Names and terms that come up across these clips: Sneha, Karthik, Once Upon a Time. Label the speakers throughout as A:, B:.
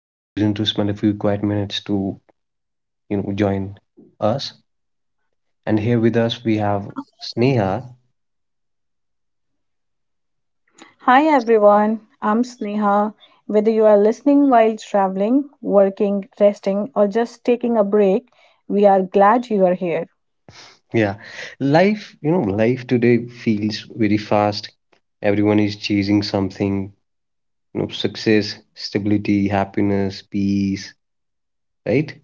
A: you've chosen to spend a few quiet minutes to, join us. And here with us we have Sneha.
B: Hi everyone, I'm Sneha. Whether you are listening while traveling, working, resting, or just taking a break, we are glad you are here.
A: Yeah. Life, life today feels very fast. Everyone is chasing something, you know, success, stability, happiness, peace, right?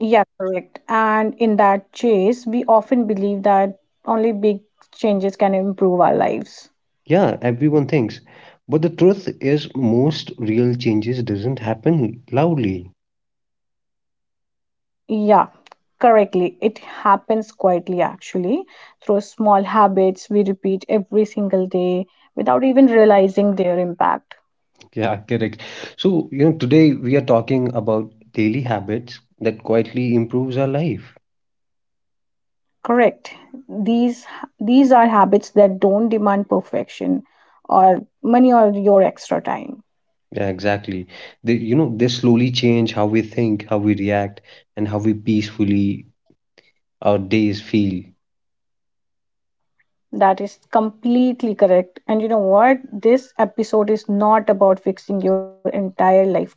B: Yeah, correct. And in that chase, we often believe that only big changes can improve our lives.
A: Yeah, everyone thinks. But the truth is most real changes doesn't happen loudly.
B: Yeah, correctly. It happens quietly, actually, through small habits we repeat every single day without even realizing their impact.
A: Yeah, correct. So, you know, today we are talking about daily habits that quietly improves our life.
B: Correct. These these are habits that don't demand perfection or money or your extra time.
A: Yeah, exactly. They slowly change how we think, how we react, and how we peacefully our days feel.
B: That is completely correct. And you know what? This episode is not about fixing your entire life today.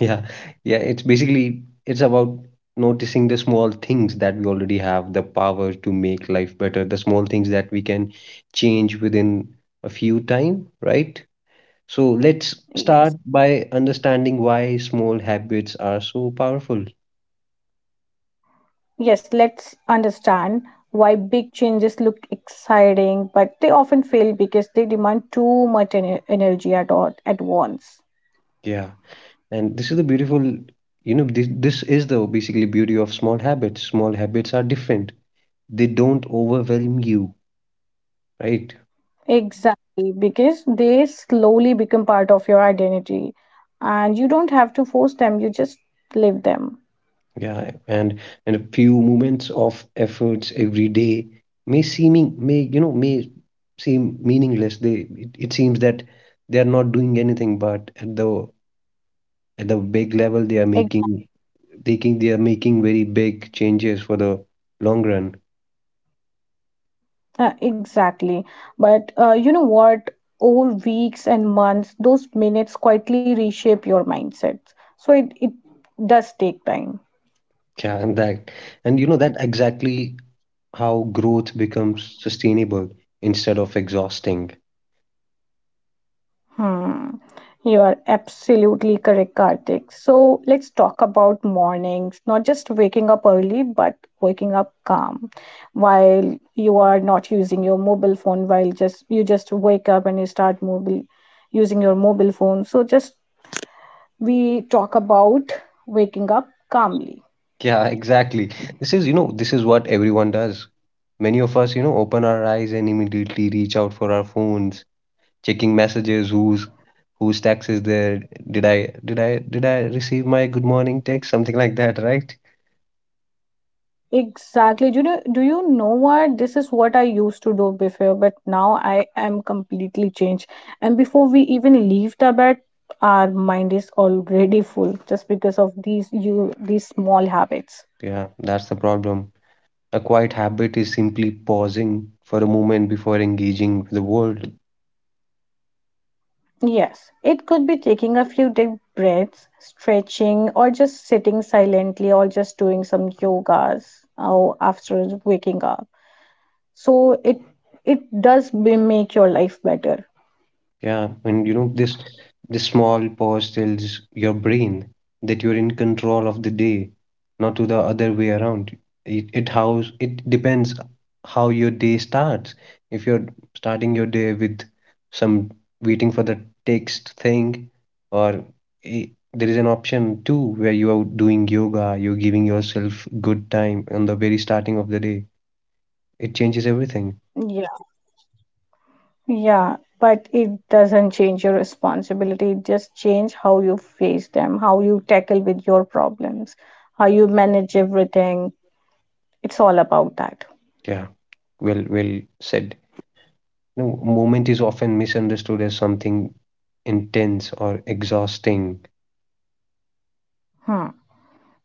A: Yeah, yeah. It's about noticing the small things that we already have the power to make life better, the small things that we can change within a few time, right? So let's start
B: Yes.
A: by understanding why small habits are so powerful.
B: Yes, let's understand why big changes look exciting, but they often fail because they demand too much energy at all at once.
A: Yeah. And this is the beautiful, you know, this is the basically beauty of small habits. Small habits are different. They don't overwhelm you, right?
B: Exactly, because they slowly become part of your identity and you don't have to force them, you just live them.
A: Yeah. And a few moments of efforts every day may seeming may, you know, may seem meaningless. It seems that they are not doing anything, but at the big level they are
B: Ex-
A: making very big changes for the long run.
B: Exactly. But you know what? Over weeks and months, those minutes quietly reshape your mindsets. So it does take time.
A: Yeah, and that and you know that exactly how growth becomes sustainable instead of exhausting.
B: Hmm. You are absolutely correct, Karthik. So let's talk about mornings, not just waking up early, but waking up calm while you are not using your mobile phone, while just you just wake up and you start mobile using your mobile phone. So just we talk about waking up calmly.
A: Yeah, exactly, this is you know this is what everyone does. Many of us, you know, open our eyes and immediately reach out for our phones, checking messages, who's whose text is there, did I receive my good morning text, something like that, right?
B: Exactly. Do you know what? This is what I used to do before, but now I am completely changed. And before we even leave the bed, our mind is already full just because of these small habits.
A: Yeah, that's the problem. A quiet habit is simply pausing for a moment before engaging with the world.
B: Yes, it could be taking a few deep breaths, stretching, or just sitting silently, or just doing some yogas or after waking up. So it make your life better.
A: Yeah, and you know this, this small pause tells your brain that you're in control of the day, not to the other way around. It depends how your day starts. If you're starting your day with some waiting for the text thing, or i- there is an option too where you are doing yoga, you're giving yourself good time on the very starting of the day. It changes everything.
B: Yeah. Yeah, but it doesn't change your responsibility. It just change how you face them, how you tackle with your problems, how you manage everything. It's all about that.
A: Yeah. Well said. You know, movement is often misunderstood as something intense or exhausting.
B: Hmm.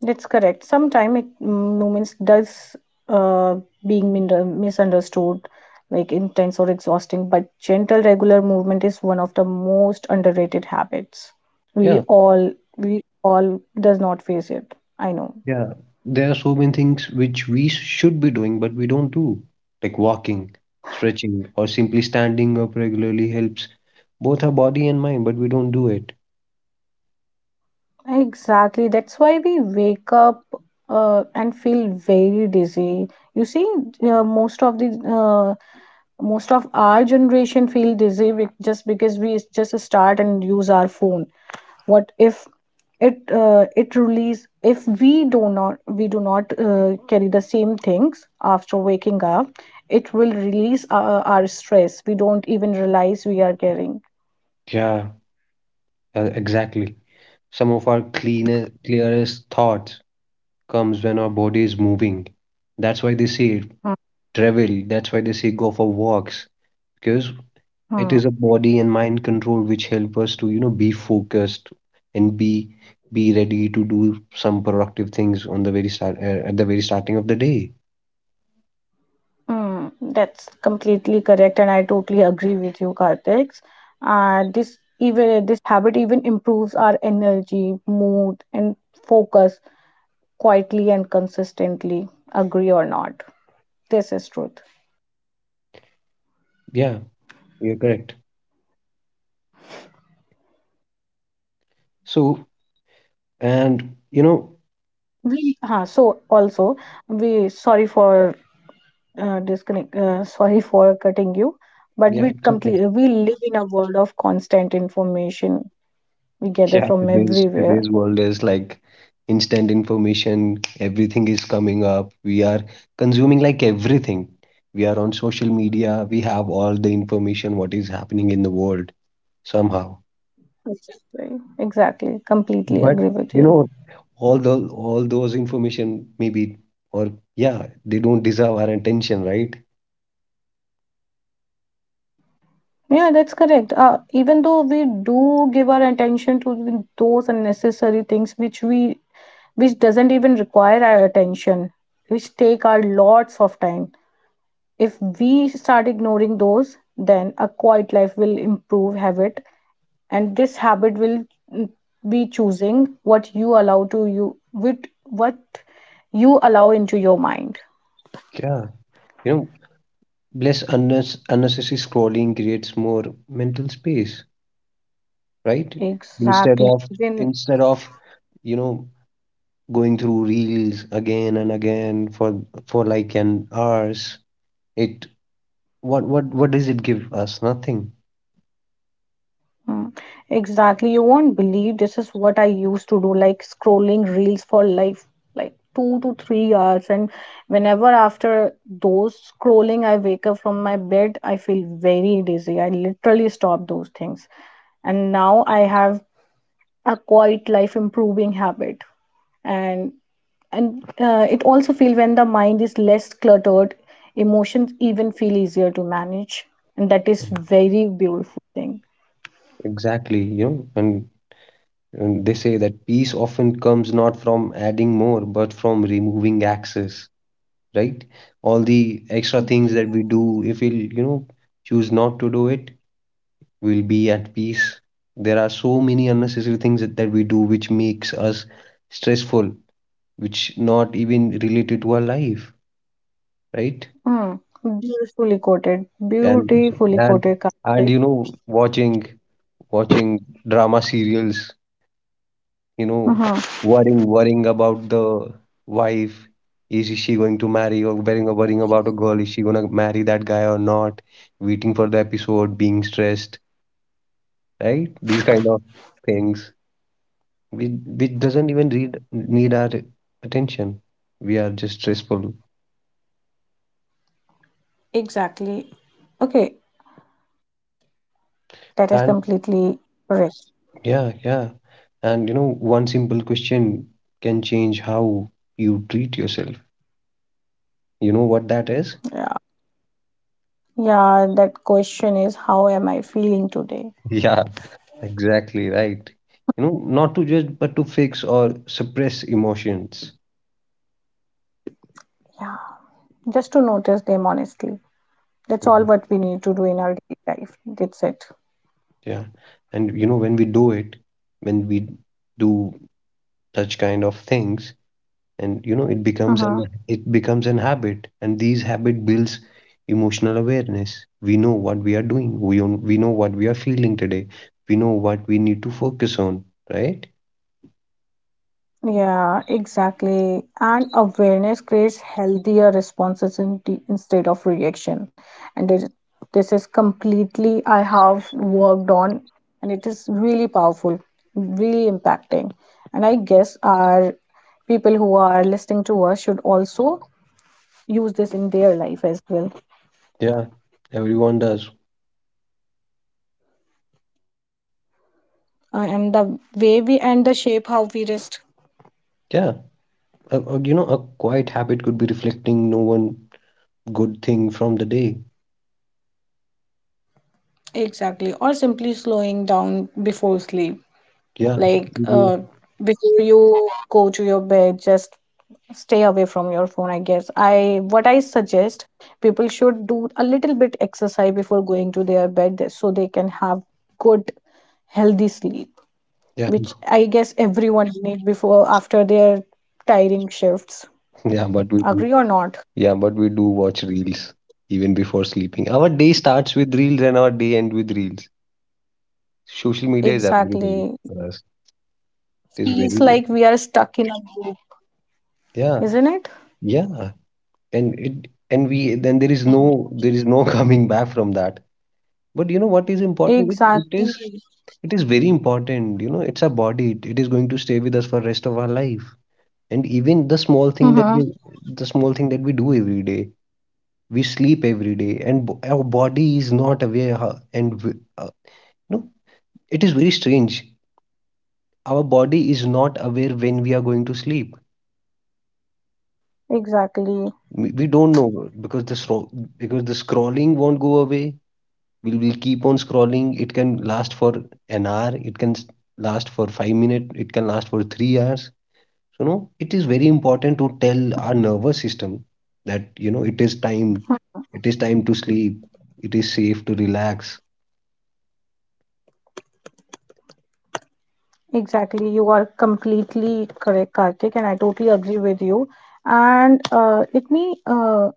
B: That's correct. Sometimes moments does uh being misunderstood, like intense or exhausting. But gentle, regular movement is one of the most underrated habits.
A: Yeah,
B: We all does not face it. I know.
A: yeah. There are so many things which we should be doing, but we don't do. Like walking, stretching, or simply standing up regularly helps both our body and mind, but we don't do it.
B: Exactly. That's why we wake up and feel very dizzy. You see, uh, most of the uh, most of our generation feel dizzy just because we just start and use our phone. What if it it release if we do not carry the same things after waking up, it will release our stress. We don't even realize we are carrying.
A: Yeah, exactly. Some of our clearest thoughts comes when our body is moving. That's why they say travel. That's why they say go for walks because it
B: Mhm.
A: is a body and mind control which help us to, you know, be focused and be ready to do some productive things on the very start at the very starting of the day.
B: Mm, that's completely correct, and I totally agree with you, Karthik. And this habit even improves our energy, mood, and focus quietly and consistently. Agree or not, this is truth.
A: Yeah, you're correct. So, and you know,
B: We huh, so also we sorry for disconnect. Sorry for cutting you, but
A: yeah, it's okay.
B: we live in a world of constant information we gather
A: Yeah,
B: from everywhere.
A: today's world is like instant information. Everything is coming up. We are consuming like everything. We are on social media. We have all the information what is happening in the world somehow.
B: Exactly, exactly. Completely
A: But
B: agree with
A: you
B: you.
A: know, all the all those information maybe or yeah, they don't deserve our attention, right?
B: Yeah, that's correct. Even though we do give our attention to those unnecessary things which doesn't even require our attention, which take our lots of time. If we start ignoring those, then a quiet life will improve habit, and this habit will mm, be choosing what you allow to you with what you allow into your mind.
A: Yeah, you know, less unnecessary scrolling creates more mental space, right? Instead
B: Exactly.
A: of
B: Even.
A: instead of you know going through reels again and again for like an hours, it what what does it give us? Nothing.
B: Mm. Exactly. You won't believe this is what I used to do, like scrolling reels for life, like 2 to 3 hours. And whenever after those scrolling, I wake up from my bed, I feel very dizzy. I literally stop those things. And now I have a quiet life improving habit. And and it also feel when the mind is less cluttered, emotions even feel easier to manage. And that is very beautiful thing.
A: Exactly, you know, and they say that peace often comes not from adding more but from removing access, right? All the extra things that we do, if we'll you know choose not to do it, we'll be at peace. There are so many unnecessary things that we do which makes us stressful, which not even related to our life, right?
B: Mm, beautifully quoted.
A: and
B: Beautifully
A: and
B: quoted,
A: and
B: Karthik.
A: you know watching drama serials, you know,
B: Mm-hmm.
A: worrying about the wife, is she going to marry, or worrying about a girl, is she gonna marry that guy or not, waiting for the episode, being stressed, right? These kind of things which doesn't even need our attention. We are just stressful.
B: Exactly. Okay, that is
A: And
B: completely correct.
A: yeah, yeah. And you know, one simple question can change how you treat yourself. You know what that is?
B: Yeah. Yeah, that question is how am I feeling today?
A: Yeah, exactly right. You know, not to judge, but to fix or suppress emotions.
B: Yeah. Just to notice them honestly. That's all
A: Mhm.
B: what we need to do in our daily life. That's it.
A: Yeah. And you know, when we do it, when we do such kind of things, and you know it becomes an
B: Mm-hmm.
A: it becomes an habit and these habit builds emotional awareness. We know what we are doing. We know what we are feeling today. We know what we need to focus on, right?
B: Yeah, exactly. And awareness creates healthier responses in instead of reaction. And this is completely I have worked on, and it is really powerful, really impacting. And I guess our people who are listening to us should also use this in their life as well.
A: Yeah, everyone does.
B: And the shape how we rest.
A: Yeah, you know a quiet habit could be reflecting no one good thing from the day.
B: Exactly, or simply slowing down before sleep.
A: Yeah.
B: Like
A: Mhm.
B: uh, before you go to your bed, just stay away from your phone. I guess i what I suggest people should do a little bit exercise before going to their bed so they can have good healthy sleep,
A: Yeah.
B: which I guess everyone need before after their tiring shifts.
A: yeah but we do-
B: Agree or not?
A: yeah, but we do watch reels even before sleeping. Our day starts with reels and our day end with reels. Social media is everything.
B: Exactly.
A: It is
B: Feels
A: very,
B: like we are stuck in a loop,
A: yeah,
B: isn't it?
A: yeah. And it and we, then there is no, there is no coming back from that. But you know what is important? It,
B: Exactly.
A: it is very important. You know, it's our body. It is going to stay with us for rest of our life. And even
B: Mm-hmm.
A: the small thing that we do every day, we sleep every day, and our body is not aware. How, and w- no, It is very strange. Our body is not aware when we are going to sleep.
B: Exactly.
A: We don't know because because the scrolling won't go away. We'll keep on scrolling. It can last for an hour. Last for 5 minutes. It can last for 3 hours. So no, it is very important to tell our nervous system that you know it is time. It is time to sleep. It is safe to relax.
B: Exactly, you are completely correct, Karthik, and I totally agree with you. And let me, uh,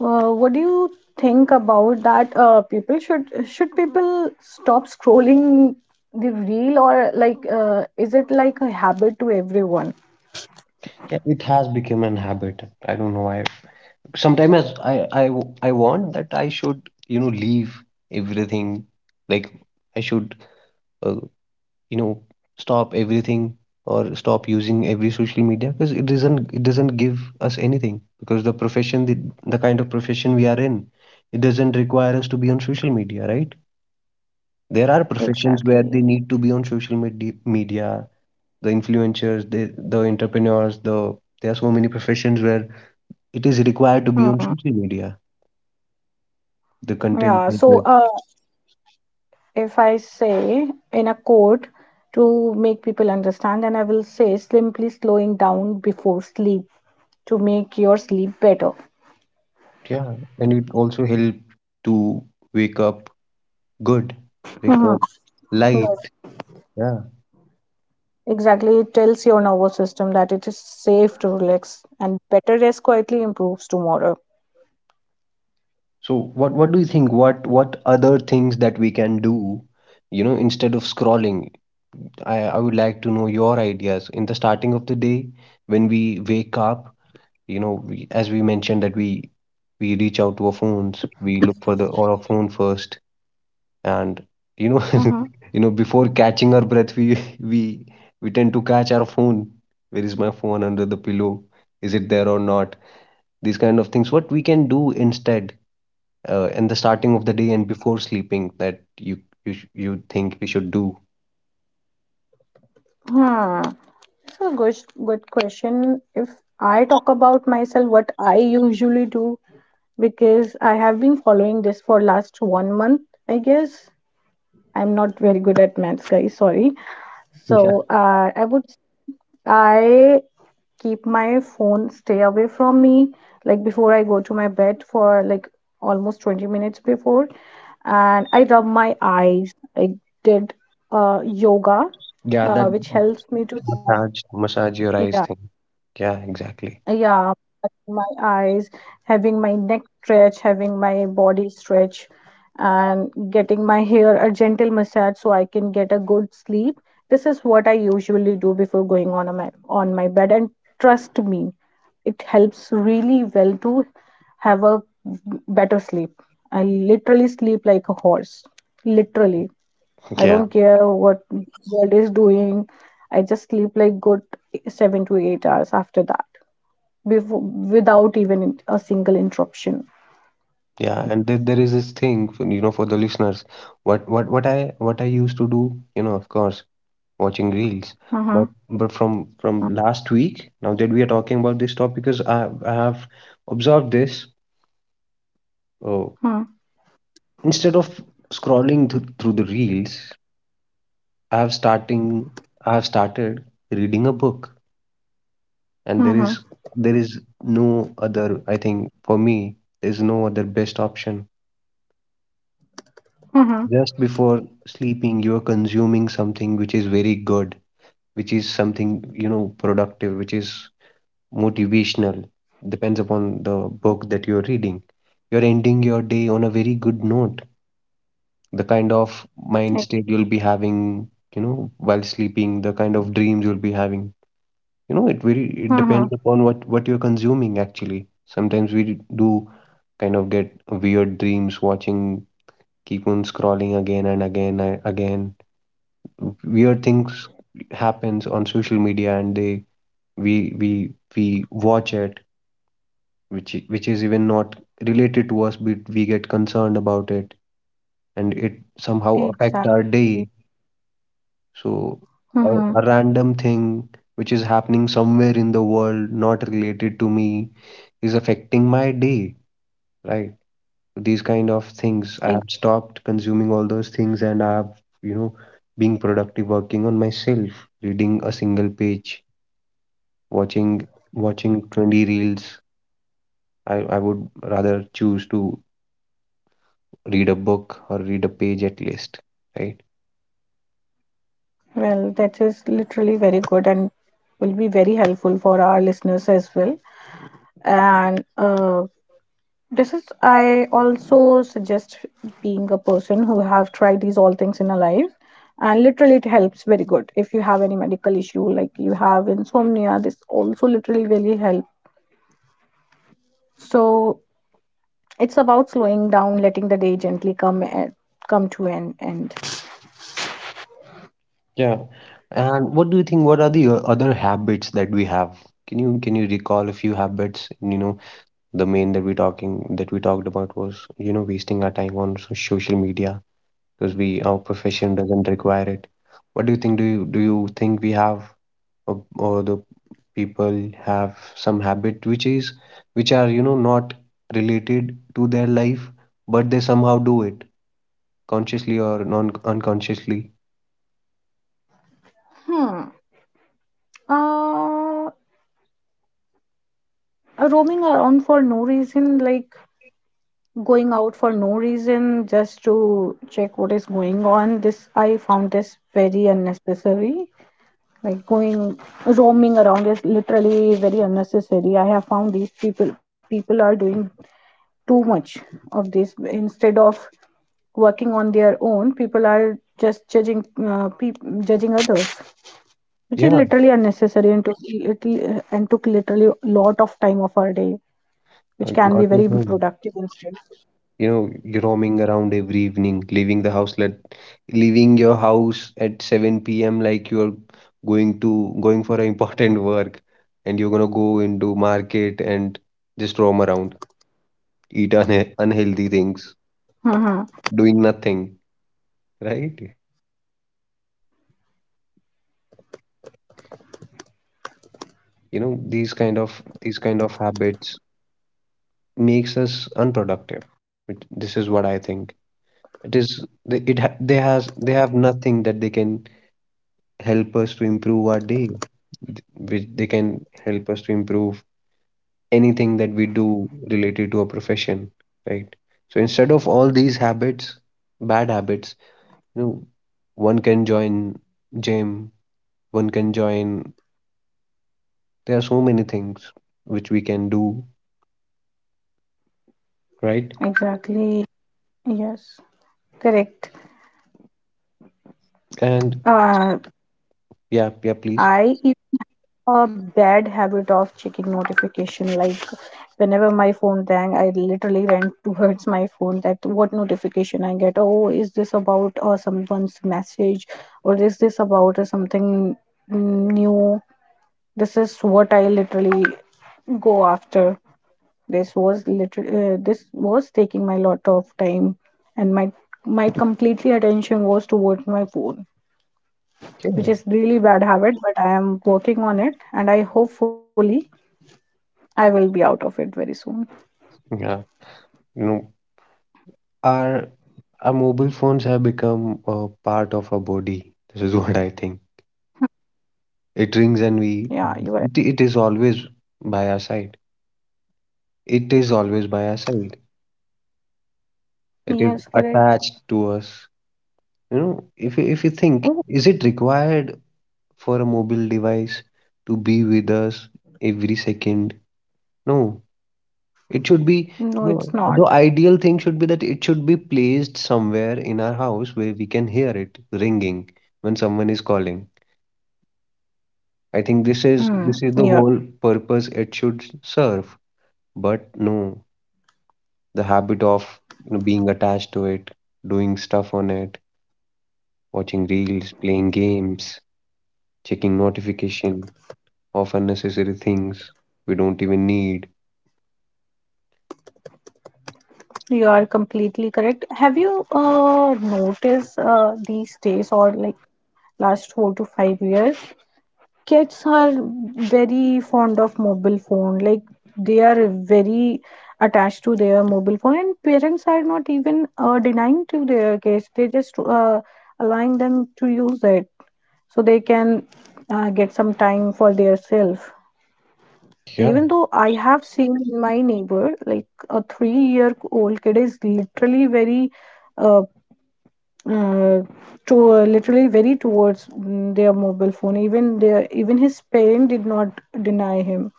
B: uh, what do you think about that? People should people stop scrolling the reel, or like is it like a habit to everyone?
A: Yeah, it has become an habit. I don't know why. Sometimes I want that I should you know leave everything. Like I should. uh, you know, stop everything or stop using every social media because it doesn't give us anything, because the kind of profession we are in, it doesn't require us to be on social media, right? There are professions
B: Exactly.
A: where they need to be on social media, the influencers, the entrepreneurs, there are so many professions where it is required to be on
B: Mm.
A: social media, the content
B: Yeah. So,
A: makers.
B: if I say in a quote to make people understand, then I will say simply slowing down before sleep to make your sleep better.
A: Yeah, and it also help to wake up good, wake
B: Mhm.
A: up
B: Yes,
A: light. Yeah.
B: exactly. It tells your nervous system that it is safe to relax and better rest quietly improves tomorrow.
A: So what do you think? What other things that we can do, you know, instead of scrolling? I would like to know your ideas. In the starting of the day, when we wake up, you know, we, as we mentioned that we reach out to our phones, we look for the on our phone first, and you know,
B: Mm-hmm.
A: you know, before catching our breath, we we tend to catch our phone. Where is my phone under the pillow? Is it there or not? These kind of things. What we can do instead? In the starting of the day and before sleeping that you you think we should do.
B: Hmm. So good question. If I talk about myself, what I usually do, because I have been following this for last one month, I guess. I'm not very good at maths, guys. Sorry.
A: Yeah,
B: So I keep my phone stay away from me like before I go to my bed for like almost 20 minutes before, and I rub my eyes. I did yoga,
A: yeah, that,
B: which helps me to have,
A: massage your eyes
B: yeah,
A: thing. Yeah, exactly.
B: yeah, my eyes, having my neck stretch, having my body stretch, and getting my hair a gentle massage so I can get a good sleep. This is what I usually do before going on a my on my bed, and trust me, it helps really well to have a better sleep. I literally sleep like a horse. Literally, I don't
A: Yeah,
B: care what world is doing. I just sleep like good 7 to 8 hours after that without even a single interruption.
A: yeah, and there is this thing, for, you know, for the listeners, what what what I what I used to do, you know, of course, watching reels,
B: Mm-hmm.
A: but from last week, now that we are talking about this topic, because I have observed this, uh,
B: Mm-hmm.
A: instead of scrolling th through the reels, I have starting I have started reading a book, and
B: Mm-hmm.
A: there is no other, I think for me there's no other best option.
B: Mm-hmm.
A: Just before sleeping you are consuming something which is very good, which is something you know productive, which is motivational. Depends upon the book that you're reading. You're ending your day on a very good note. The kind of mind state you'll be having, you know, while sleeping, the kind of dreams you'll be having, you know it very
B: Uh
A: it
B: huh.
A: depends upon what you're consuming actually. Sometimes we do kind of get weird dreams, watching, keep on scrolling again and again and again. Weird things happens on social media and they we we we watch it, which which is even not related to us, but we get concerned about it, and it somehow affect our
B: Exactly.
A: day. So,
B: Uh huh.
A: a random thing which is happening somewhere in the world, not related to me, is affecting my day, right? These kind of things. I
B: Ex-
A: have stopped consuming all those things and I have, you know, being productive, working on myself, reading a single page, watching watching 20 reels. I would rather choose to read a book or read a page at least, right?
B: well, that is literally very good and will be very helpful for our listeners as well. And this is, I also suggest being a person who have tried these all things in a life. And literally, it helps very good. If you have any medical issue, like you have insomnia, this also literally really helps. So it's about slowing down, letting the day gently come to an end.
A: Yeah. And what do you think? What are the other habits that we have? Can you recall a few habits? You know, the main that we talking that we talked about was, you know, wasting our time on social media because we our profession doesn't require it. What do you think? Do you think we have or the people have some habit which are, you know, not related to their life, but they somehow do it consciously or non unconsciously?
B: Hmm. Uh, Roaming around for no reason, like going out for no reason, just to check what is going on. This I found this very unnecessary. Like going roaming around is literally very unnecessary. I have found these people are doing too much of this instead of working on their own. People are just judging others, which is
A: Yeah,
B: literally unnecessary and took little and took literally a lot of time of our day, which
A: I
B: can be
A: got your
B: very
A: point.
B: productive instead.
A: You know, you're roaming around every evening, leaving your house at 7 p.m., like you're going for an important work, and you're gonna go into market and just roam around, eat unhealthy things,
B: Hmm.
A: doing nothing, right? You know, these kind of habits makes us unproductive. This is what I think. It is they, it ha- they has they have nothing that they can help us to improve our day. Th- Which they can help us to improve anything that we do related to a profession, right? So instead of all these habits, bad habits, you know, one can join gym, one can join. There are so many things which we can do, right?
B: Exactly. Yes. Correct.
A: And
B: Uh,
A: yeah, yeah, please.
B: I have a bad habit of checking notification. Like whenever my phone rang, I literally ran towards my phone. That what notification I get? Oh, is this about someone's message, or is this about something new? This is what I literally go after. This was literally this was taking my lot of time, and my completely attention was towards my phone, which
A: Yeah.
B: is really bad habit, but I am working on it, and I hopefully I will be out of it very soon.
A: Yeah. You know, our our mobile phones have become a part of our body. This is what I think. It rings and we,
B: Yeah, you are
A: it is always by our side. It is always by our side.
B: right.
A: It is
B: Yes, correct.
A: attached to us. You know, if you think,
B: Oh,
A: is it required for a mobile device to be with us every second? No. It should be,
B: no,
A: you
B: it's
A: know,
B: not.
A: the ideal thing should be that it should be placed somewhere in our house where we can hear it ringing when someone is calling. I think
B: mm,
A: this is the
B: you're
A: whole purpose it should serve. But no, the habit of, you know, being attached to it, doing stuff on it, watching reels, playing games, checking notification of unnecessary things we don't even need.
B: you are completely correct. Have you noticed these days or like last 4 to 5 years, kids are very fond of mobile phone. Like they are very attached to their mobile phone, and parents are not even denying to their kids. They just allowing them to use it so they can get some time for their self.
A: Yeah,
B: Even though I have seen in my neighbor, like, a three-year-old kid is literally very uh, uh, to literally very towards their mobile phone, even their, even his parent did not deny him.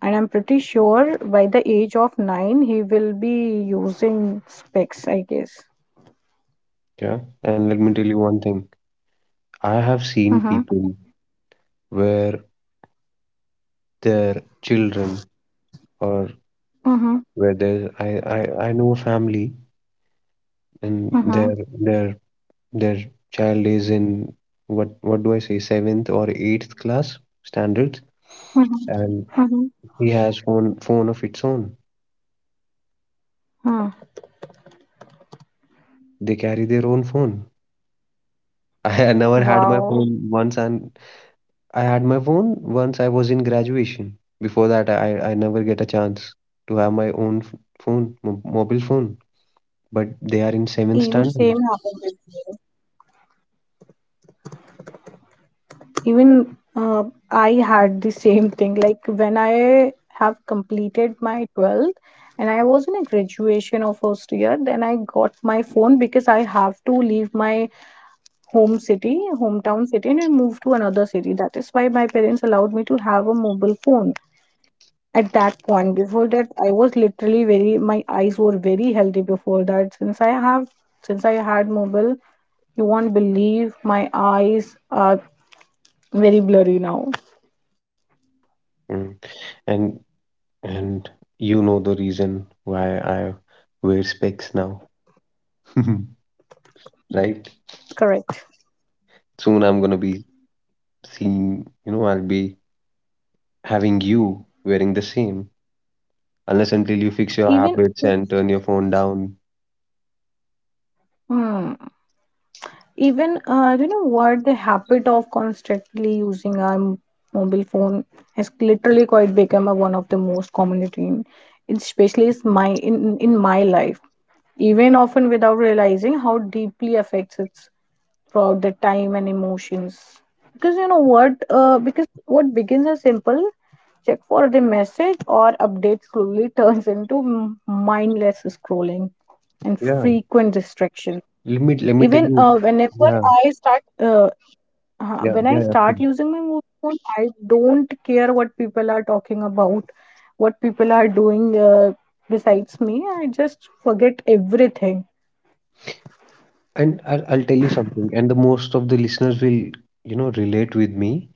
B: And I'm pretty sure by the age of 9 he will be using specs, I guess.
A: yeah, and let me tell you one thing. I have seen
B: Mhm.
A: people where their children or
B: Mhm.
A: where their I know a family and their
B: Mhm.
A: their their child is in, what do I say, seventh or eighth class standards,
B: Mhm.
A: and
B: Mhm.
A: he has phone of its own.
B: Mhm.
A: They carry their own phone. I never had my
B: Wow.
A: phone once, and I had my phone once I was in graduation. Before that, I never get a chance to have my own phone, mobile phone. But they are in seventh
B: Even
A: standard.
B: same happened with me. Even uh, I had the same thing, like, when I have completed my 12th and I was in a graduation of first year, then I got my phone because I have to leave my home city, hometown city, and I move to another city. That is why my parents allowed me to have a mobile phone at that point. Before that, I was literally very, my eyes were very healthy before that. Since I have since I had mobile, you won't believe, my eyes are very blurry now.
A: Mm. and and you know the reason why I wear specs now, right?
B: Correct.
A: Soon I'm gonna be seeing, you know, I'll be having you wearing the same, unless until you fix your
B: Even,
A: habits and turn your phone down.
B: hmm, even do you know, what the habit of constantly using our mobile phone has literally quite become a, one of the most common routine, especially is my, in my life, even often without realizing how deeply affects it throughout the time and emotions. Because you know what, because what begins as simple check for the message or update slowly turns into mindless scrolling and
A: Yeah.
B: frequent distraction.
A: Let me tell
B: Even
A: you.
B: whenever
A: Yeah,
B: I start when I
A: yeah,
B: start
A: please.
B: using my mobile phone, I don't care what people are talking about, what people are doing besides me, I just forget everything.
A: And I'll tell you something, and the most of the listeners will, you know, relate with me.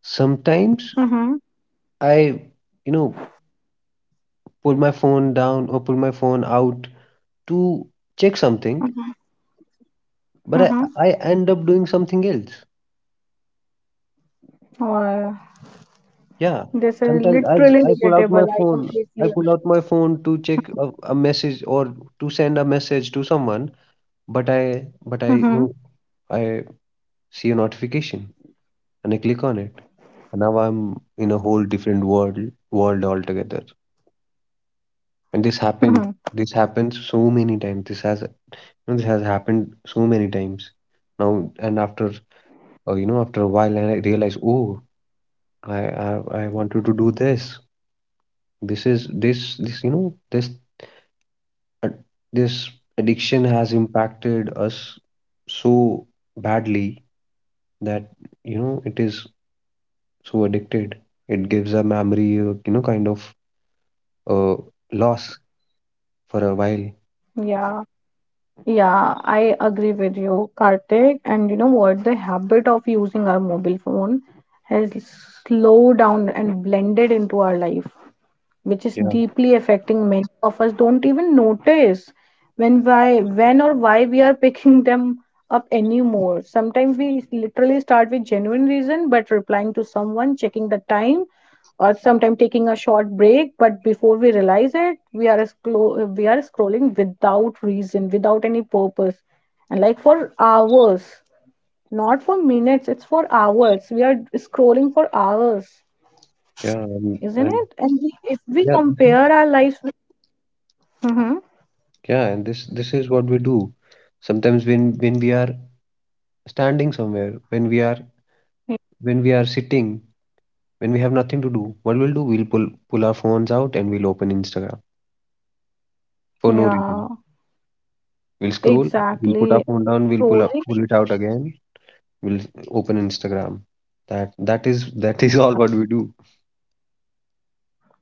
A: Sometimes
B: Mm-hmm.
A: I, you know, pull my phone down or pull my phone out to check something, but I end up doing something else.
B: Mm-hmm.
A: Yeah.
B: This is
A: Sometimes as
B: literally
A: I pull out my
B: relatable. I
A: phone, I
B: completely
A: pull out my phone to check a message or to send a message to someone, but I but I,
B: agree.
A: you
B: Hmm.
A: know, I see a notification and I click on it. And now I'm in a whole different world altogether. And this happened. This happens so many times. This has happened so many times now. And after you know, after a while, and I realize, oh, I, I wanted to do this. This is this this you know, uh, this addiction has impacted us so badly that, you know, it is so addicted. It gives a memory, you know, kind of uh, loss for a while.
B: Yeah. Yeah, I agree with you, Kartik. And you know what? The habit of using our mobile phone has slowed down and blended into our life, which is
A: Yeah,
B: deeply affecting many of us don't even notice when, why, when or why we are picking them up anymore. Sometimes we literally start with genuine reason, but replying to someone, checking the time, or sometimes taking a short break, but before we realize it, we are we are scrolling without reason, without any purpose, and like for hours, not for minutes, it's for hours we are scrolling for hours.
A: yeah, and,
B: Isn't
A: and
B: it? And we, if we
A: yeah,
B: compare our lives. Mm-hmm.
A: yeah, and this is what we do. Sometimes when we are standing somewhere, when we are sitting, when we have nothing to do, what we'll do, we'll pull our phones out and we'll open Instagram for no reason.
B: Yeah,
A: We'll scroll, we'll put our
B: exactly.
A: phone down, we'll pull up,
B: Scrolling,
A: pull it out again, we'll open Instagram. That is all what we do.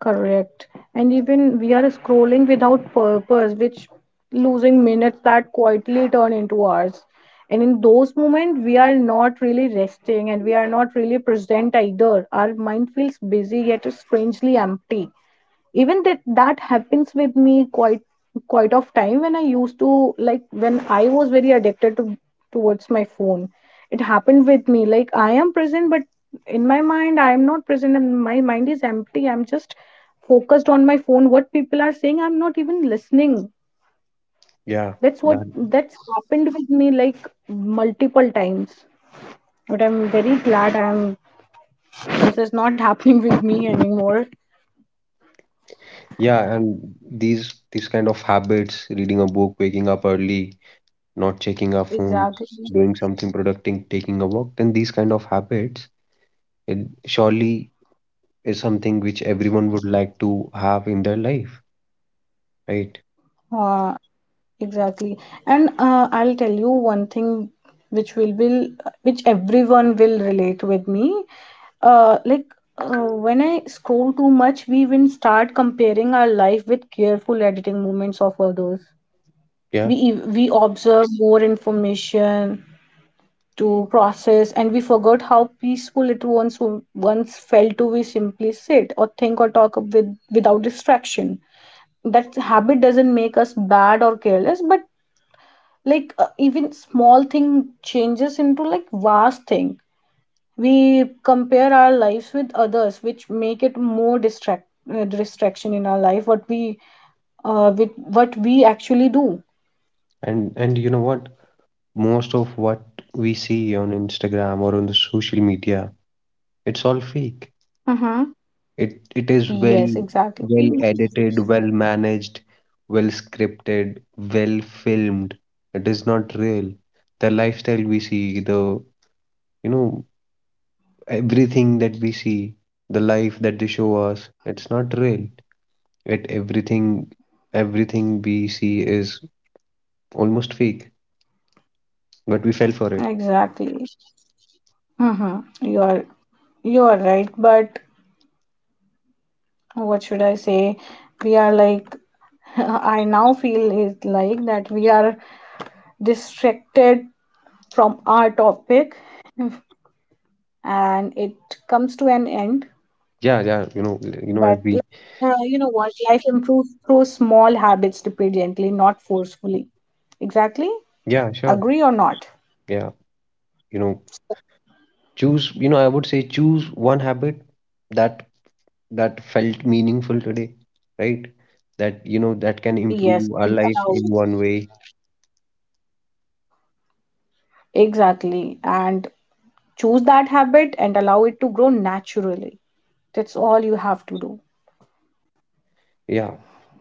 B: correct. And even we are scrolling without purpose, which losing minutes that quietly turn into hours. And in those moments, we are not really resting and we are not really present either. Our mind feels busy yet strangely empty. Even that, that happens with me quite, quite of time, when I used to, like, when I was very addicted to, towards my phone, it happened with me like I am present but in my mind I am not present, and my mind is empty. I'm just focused on my phone, what people are saying, I'm not even listening.
A: Yeah,
B: That's what,
A: that
B: that's happened with me like multiple times. But I'm very glad I'm, this is not happening with me anymore.
A: yeah, and these kind of habits, reading a book, waking up early, not checking our phones,
B: Exactly.
A: doing something productive, taking a walk, then these kind of habits, it surely is something which everyone would like to have in their life, right?
B: uh, Exactly. And I'll tell you one thing which will which everyone will relate with me. Like uh, when I scroll too much, we even start comparing our life with careful editing moments of others.
A: Yeah.
B: We observe more information to process, and we forgot how peaceful it once once felt to we simply sit or think or talk with without distraction. That habit doesn't make us bad or careless, but like, even small thing changes into like vast thing. We compare our lives with others, which make it more distract, distraction in our life, what we, with what we actually do.
A: And you know what? Most of what we see on Instagram or on the social media, it's all fake.
B: Mm-hmm.
A: It is
B: Yes,
A: well
B: exactly.
A: well edited, well managed, well scripted, well filmed. It is not real. The lifestyle we see, the, you know, everything that we see, the life that they show us, it's not real. It everything, everything we see is almost fake, but we fell for it.
B: Exactly. Mm-hmm. You are, you are right, but what should I say, we are like, I now feel is like that we are distracted from our topic and it comes to an end.
A: Yeah, yeah, you know, you know, as
B: But
A: we,
B: you know what? Life improves through small habits repeated gently, not forcefully. Exactly.
A: yeah, sure,
B: Agree or not?
A: yeah, you know, choose, you know, I would say choose one habit that felt meaningful today, right? That, you know, that can improve
B: Yes.
A: our
B: Allow
A: life in
B: it.
A: one way.
B: Exactly. And choose that habit and allow it to grow naturally. That's all you have to do.
A: Yeah.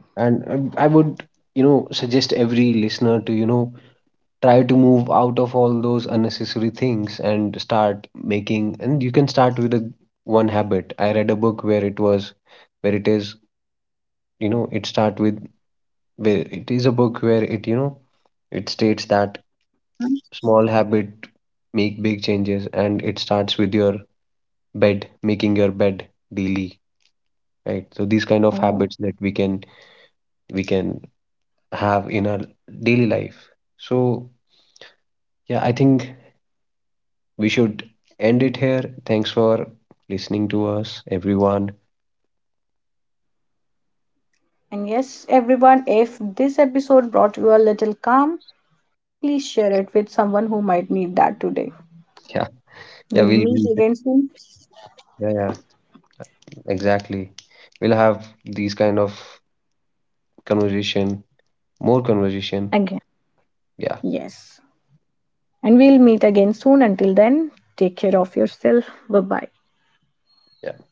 A: And I would, you know, suggest every listener to, you know, try to move out of all those unnecessary things and start making, and you can start with a, one habit. I read a book where it was, where it is, you know, it start with, where it is a book where it, you know, it states that small habit make big changes and it starts with your bed, making your bed daily, right? So these kind of habits
B: Oh,
A: that we can have in our daily life. So yeah, I think we should end it here. Thanks for listening to us, everyone.
B: and yes, everyone, if this episode brought you a little calm, please share it with someone who might need that today.
A: Yeah, yeah,
B: We'll
A: we'll be,
B: meet again soon.
A: yeah, yeah, exactly, we'll have these kind of conversation, more conversation.
B: Again.
A: Yeah,
B: Yes. And we'll meet again soon. Until then, take care of yourself. Bye bye.
A: yeah.